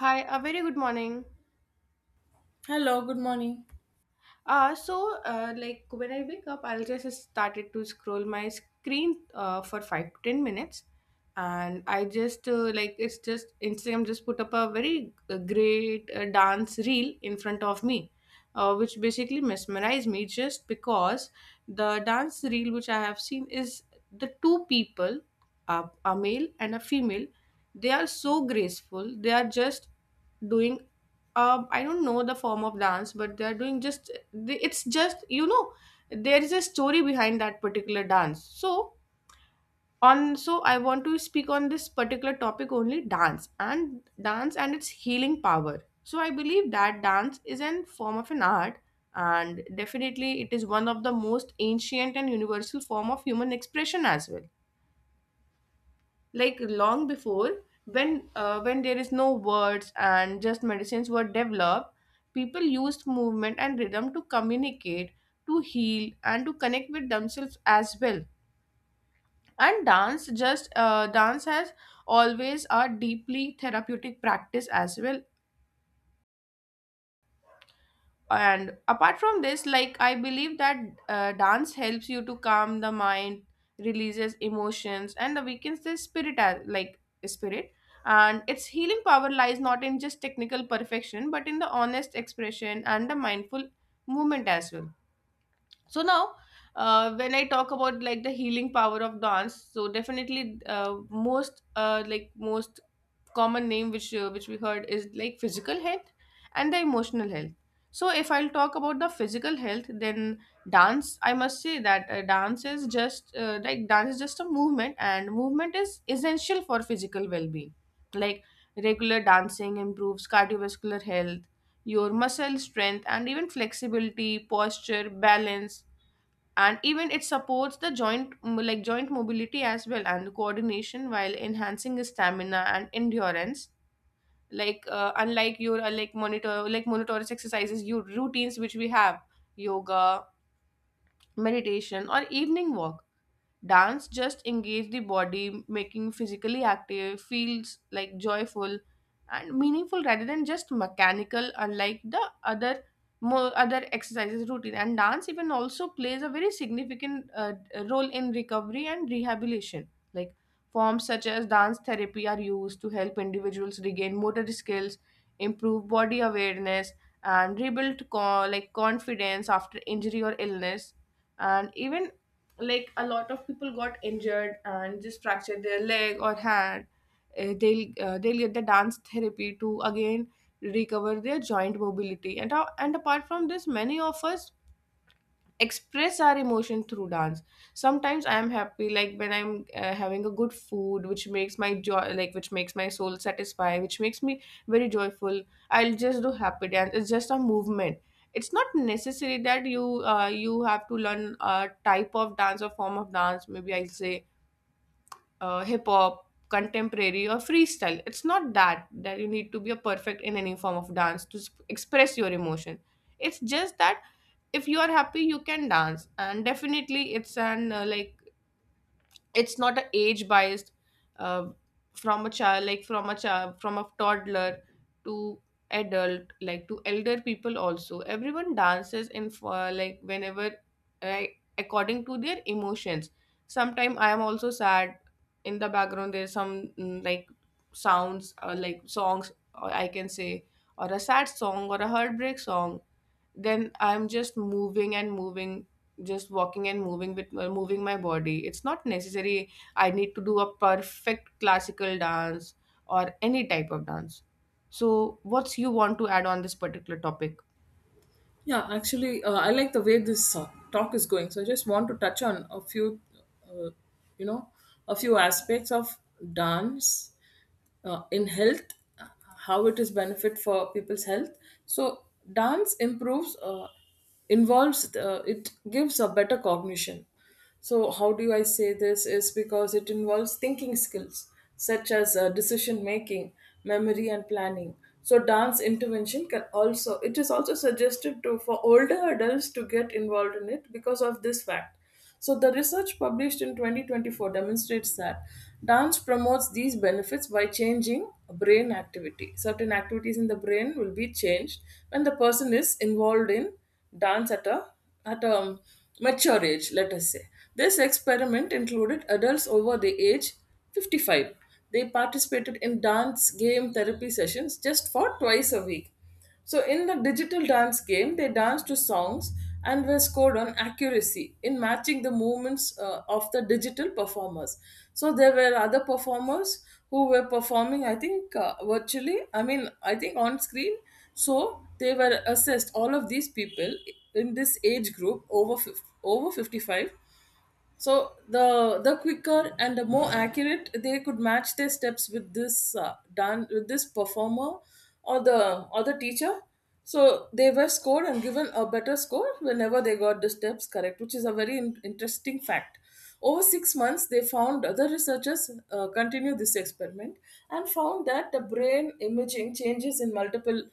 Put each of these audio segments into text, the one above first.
Hi, a very good morning. Hello, good morning. So, like when I wake up, I'll just started to scroll my screen for 5 to 10 minutes, and I just like it's just Instagram just put up a very great dance reel in front of me, which basically mesmerized me just because the dance reel which I have seen is the two people, a male and a female, they are so graceful. They are just doing I don't know the form of dance, but they're doing just it's just there is a story behind that particular dance, so I want to speak on this particular topic, only dance and dance and its healing power. So I believe that dance is an form of an art, and definitely it is one of the most ancient and universal form of human expression as well. Like long before, when there is no words and just medicines were developed, people used movement and rhythm to communicate, to heal, and to connect with themselves as well. And dance just dance has always a deeply therapeutic practice as well. And apart from this, like I believe that dance helps you to calm the mind, releases emotions, and awakens the spirit as like spirit and its healing power lies not in just technical perfection, but in the honest expression and the mindful movement as well. So now, when I talk about like the healing power of dance, so definitely, most common name which we heard is like physical health and the emotional health. So if I'll talk about the physical health, then dance, I must say that dance is just a movement, and movement is essential for physical well-being. Like regular dancing improves cardiovascular health, your muscle strength, and even flexibility, posture, balance, and even it supports the joint mobility as well, and coordination, while enhancing stamina and endurance. Like unlike your monitorious exercises, your routines which we have: yoga, meditation, or evening walk. Dance just engage the body, making physically active, feels like joyful and meaningful rather than just mechanical, unlike the other more other exercises routine. And dance even also plays a very significant role in recovery and rehabilitation. Like forms such as dance therapy are used to help individuals regain motor skills, improve body awareness, and rebuild confidence after injury or illness. And even, like a lot of people got injured and just fractured their leg or hand, they'll get the dance therapy to again recover their joint mobility. And apart from this, many of us express our emotion through dance. Sometimes I am happy, like when I'm having a good food, which makes my soul satisfy, which makes me very joyful, I'll just do happy dance. It's just a movement. It's not necessary that you have to learn a type of dance or form of dance. Maybe I'll say hip hop, contemporary, or freestyle. It's not that that you need to be a perfect in any form of dance to express your emotion. It's just that if you are happy, you can dance. And definitely it's an like it's not a age biased. uh, from a child, from a toddler to adult, like to elder people also, everyone dances in for like whenever, like according to their emotions. Sometimes I am also sad. In the background there's some like sounds or like songs, or I can say, or a sad song or a heartbreak song, then I'm just moving and moving, just walking and moving with moving my body. It's not necessary I need to do a perfect classical dance or any type of dance. So what's you want to add on this particular topic? Yeah, actually, I like the way this talk is going. So I just want to touch on a few, uh, you know, a few aspects of dance in health. How it is benefit for people's health. So dance improves involves it gives a better cognition. So how do I say this is because it involves thinking skills such as decision making, memory and planning. So dance intervention can also, it is also suggested to for older adults to get involved in it because of this fact. So, the research published in 2024 demonstrates that dance promotes these benefits by changing brain activity. Certain activities in the brain will be changed when the person is involved in dance at a mature age, let us say. This experiment included adults over the age 55. They participated in dance game therapy sessions just for twice a week. So in the digital dance game, they danced to songs and were scored on accuracy in matching the movements of the digital performers. So there were other performers who were performing, I think, virtually, I mean, I think on screen. So they were assessed, all of these people in this age group over, over 55, so the quicker and the more accurate they could match their steps with this performer or the teacher. So they were scored and given a better score whenever they got the steps correct, which is a very interesting fact. Over 6 months, they found other researchers continue this experiment and found that the brain imaging changes in multiple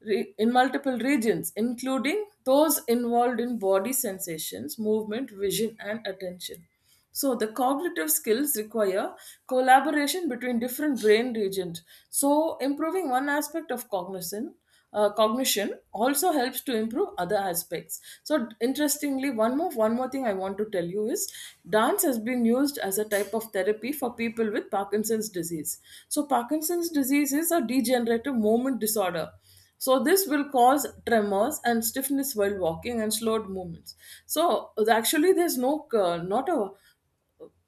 in multiple regions, including those involved in body sensations, movement, vision, and attention. So, the cognitive skills require collaboration between different brain regions. So, improving one aspect of cognizant cognition also helps to improve other aspects. So interestingly, one more thing I want to tell you is dance has been used as a type of therapy for people with Parkinson's disease. So Parkinson's disease is a degenerative movement disorder, so this will cause tremors and stiffness while walking and slowed movements. So actually, there's not a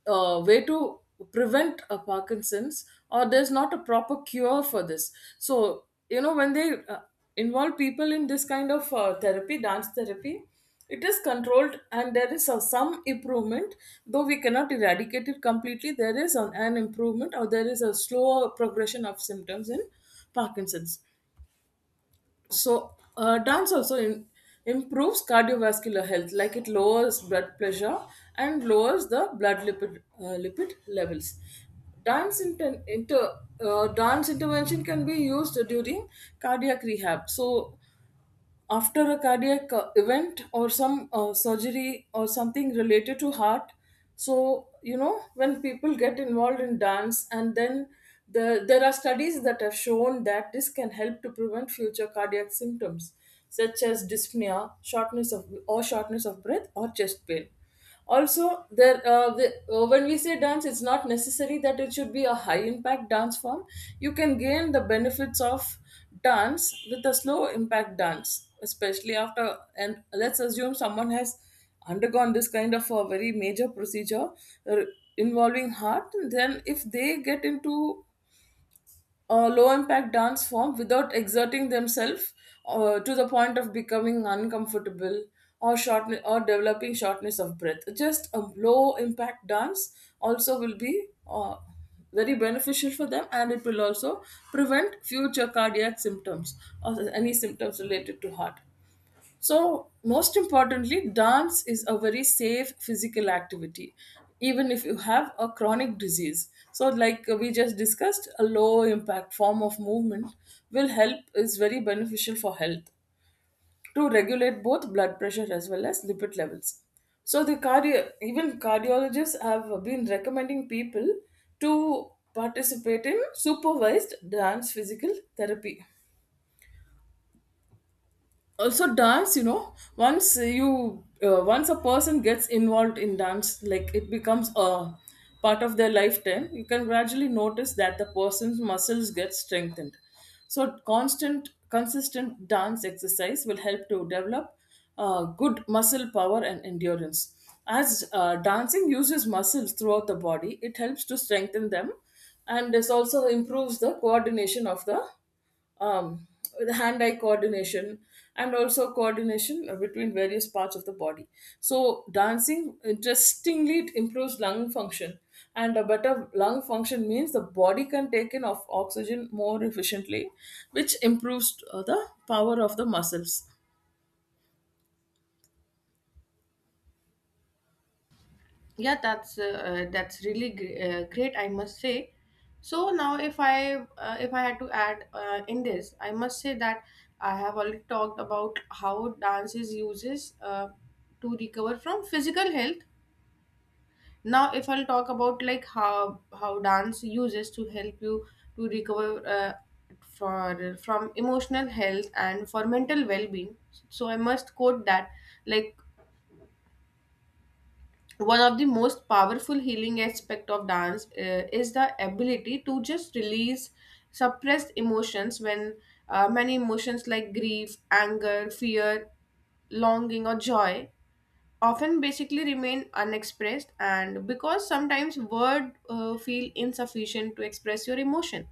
way to prevent a Parkinson's, or there's not a proper cure for this. So, you know, when they involve people in this kind of therapy, dance therapy, it is controlled and there is some improvement, though we cannot eradicate it completely. There is an improvement, or there is a slower progression of symptoms in Parkinson's. So, dance also improves cardiovascular health, like it lowers blood pressure and lowers the blood lipid levels. Dance inter, inter dance intervention can be used during cardiac rehab. So, after a cardiac event or some surgery or something related to heart. So you know, when people get involved in dance and then there are studies that have shown that this can help to prevent future cardiac symptoms such as dyspnea, shortness of breath or chest pain. Also there when we say dance, it's not necessary that it should be a high impact dance form. You can gain the benefits of dance with a slow impact dance, especially after, and let's assume someone has undergone this kind of a very major procedure uh, involving heart, then if they get into a low impact dance form without exerting themselves to the point of becoming uncomfortable or short or developing shortness of breath. Just a low impact dance also will be very beneficial for them, and it will also prevent future cardiac symptoms or any symptoms related to heart. So, most importantly, dance is a very safe physical activity, even if you have a chronic disease. So, like we just discussed, a low impact form of movement will is very beneficial for health to regulate both blood pressure as well as lipid levels. So, even cardiologists have been recommending people to participate in supervised dance physical therapy. Also dance, you know, once a person gets involved in dance, like it becomes a part of their lifetime. You can gradually notice that the person's muscles get strengthened. So constant consistent dance exercise will help to develop good muscle power and endurance. As dancing uses muscles throughout the body, it helps to strengthen them, and this also improves the coordination of the um, with hand eye coordination, and also coordination between various parts of the body. So, dancing, interestingly, it improves lung function. And a better lung function means the body can take in of oxygen more efficiently, which improves the power of the muscles. Yeah, that's really great, I must say. So now if I had to add in this, I must say that I have already talked about how dance is uses to recover from physical health. Now if I'll talk about like how dance uses to help you to recover for from emotional health and for mental well-being. So I must quote that, like, one of the most powerful healing aspect of dance is the ability to just release suppressed emotions when many emotions like grief, anger, fear, longing, or joy often basically remain unexpressed, and because sometimes word feel insufficient to express your emotion.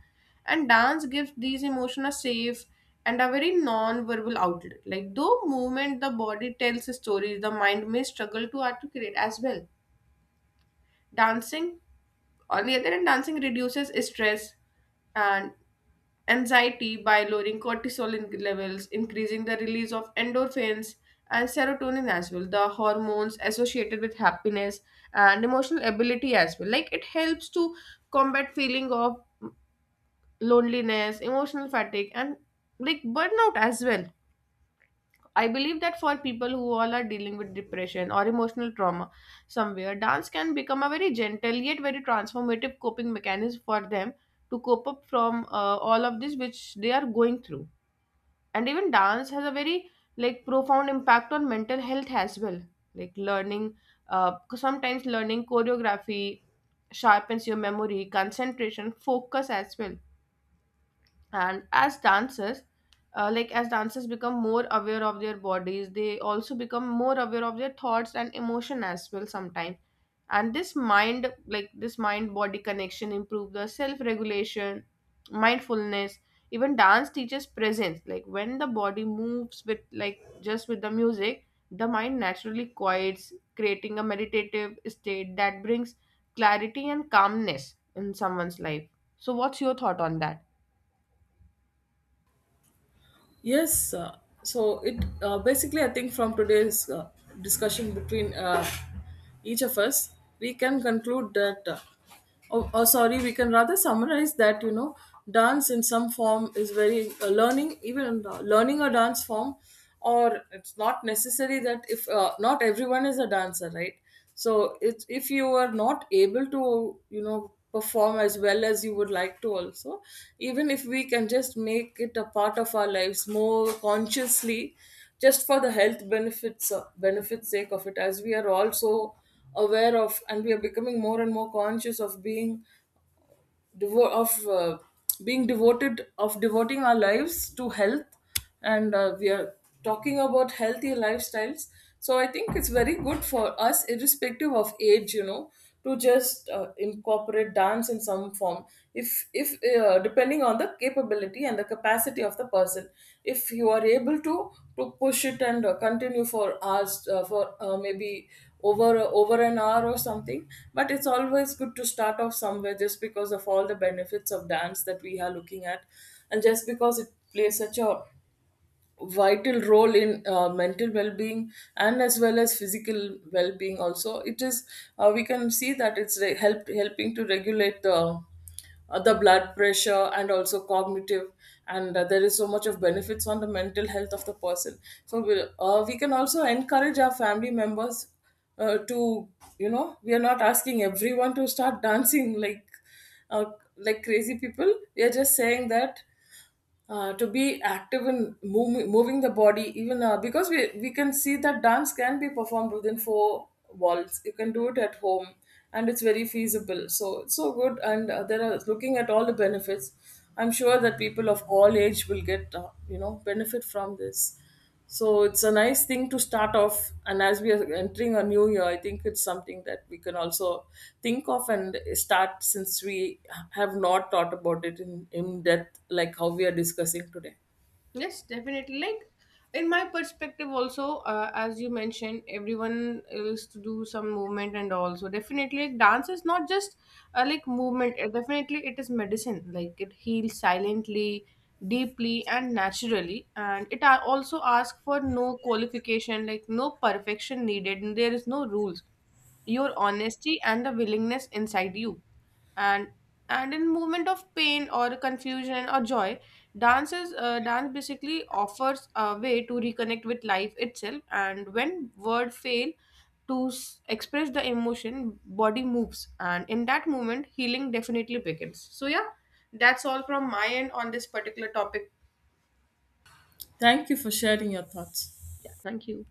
And dance gives these emotion a safe and a very non-verbal outlet. Like though movement, the body tells stories the mind may struggle to articulate as well. Dancing, on the other hand, dancing reduces stress and anxiety by lowering cortisol levels, increasing the release of endorphins and serotonin as well, the hormones associated with happiness and emotional ability as well. Like it helps to combat feeling of loneliness, emotional fatigue, and like burnout as well. I believe that for people who all are dealing with depression or emotional trauma somewhere, dance can become a very gentle yet very transformative coping mechanism for them to cope up from all of this which they are going through. And even dance has a very like profound impact on mental health as well. Like learning, sometimes learning choreography sharpens your memory, concentration, focus as well. And as dancers become more aware of their bodies, they also become more aware of their thoughts and emotion as well sometimes. And this mind, body connection improve the self regulation, mindfulness. Even dance teaches presence, like when the body moves with like just with the music, the mind naturally quiets, creating a meditative state that brings clarity and calmness in someone's life. So what's your thought on that? Yes, so it basically, I think from today's discussion between each of us, we can conclude that, oh, sorry, we can rather summarize that, you know, dance in some form is very learning, even learning a dance form, or it's not necessary that if not everyone is a dancer, right? So it's, if you are not able to, you know, perform as well as you would like to also, even if we can just make it a part of our lives more consciously just for the health benefits sake of it, as we are also aware of, and we are becoming more and more conscious of being devo- of being devoted of devoting our lives to health. And we are talking about healthy lifestyles. So I think it's very good for us irrespective of age, you know, to just incorporate dance in some form. If depending on the capability and the capacity of the person, if you are able to push it and continue for hours for maybe over an hour or something. But it's always good to start off somewhere, just because of all the benefits of dance that we are looking at, and just because it plays such a vital role in mental well-being and as well as physical well-being. Also it is we can see that it's helping to regulate the blood pressure and also cognitive. And there is so much of benefits on the mental health of the person. So we can also encourage our family members to, you know, we are not asking everyone to start dancing uh, like crazy people. We are just saying that to be active in moving the body. Even because we can see that dance can be performed within four walls. You can do it at home, and it's very feasible. So it's so good, and there are, looking at all the benefits, I'm sure that people of all age will get you know, benefit from this. So it's a nice thing to start off. And as we are entering a new year, I think it's something that we can also think of and start, since we have not thought about it in depth, like how we are discussing today. Yes, definitely. Like in my perspective, also, as you mentioned, everyone is to do some movement and all. So definitely, like, dance is not just like movement. Definitely, it is medicine. Like it heals silently, deeply, and naturally. And it also asks for no qualification, like no perfection needed. And there is no rules. Your honesty and the willingness inside you, and and in moment of pain or confusion or joy, dance basically offers a way to reconnect with life itself, and when words fail to express the emotion, body moves, and in that moment, healing definitely begins. So yeah, that's all from my end on this particular topic. Thank you for sharing your thoughts. Yeah, thank you.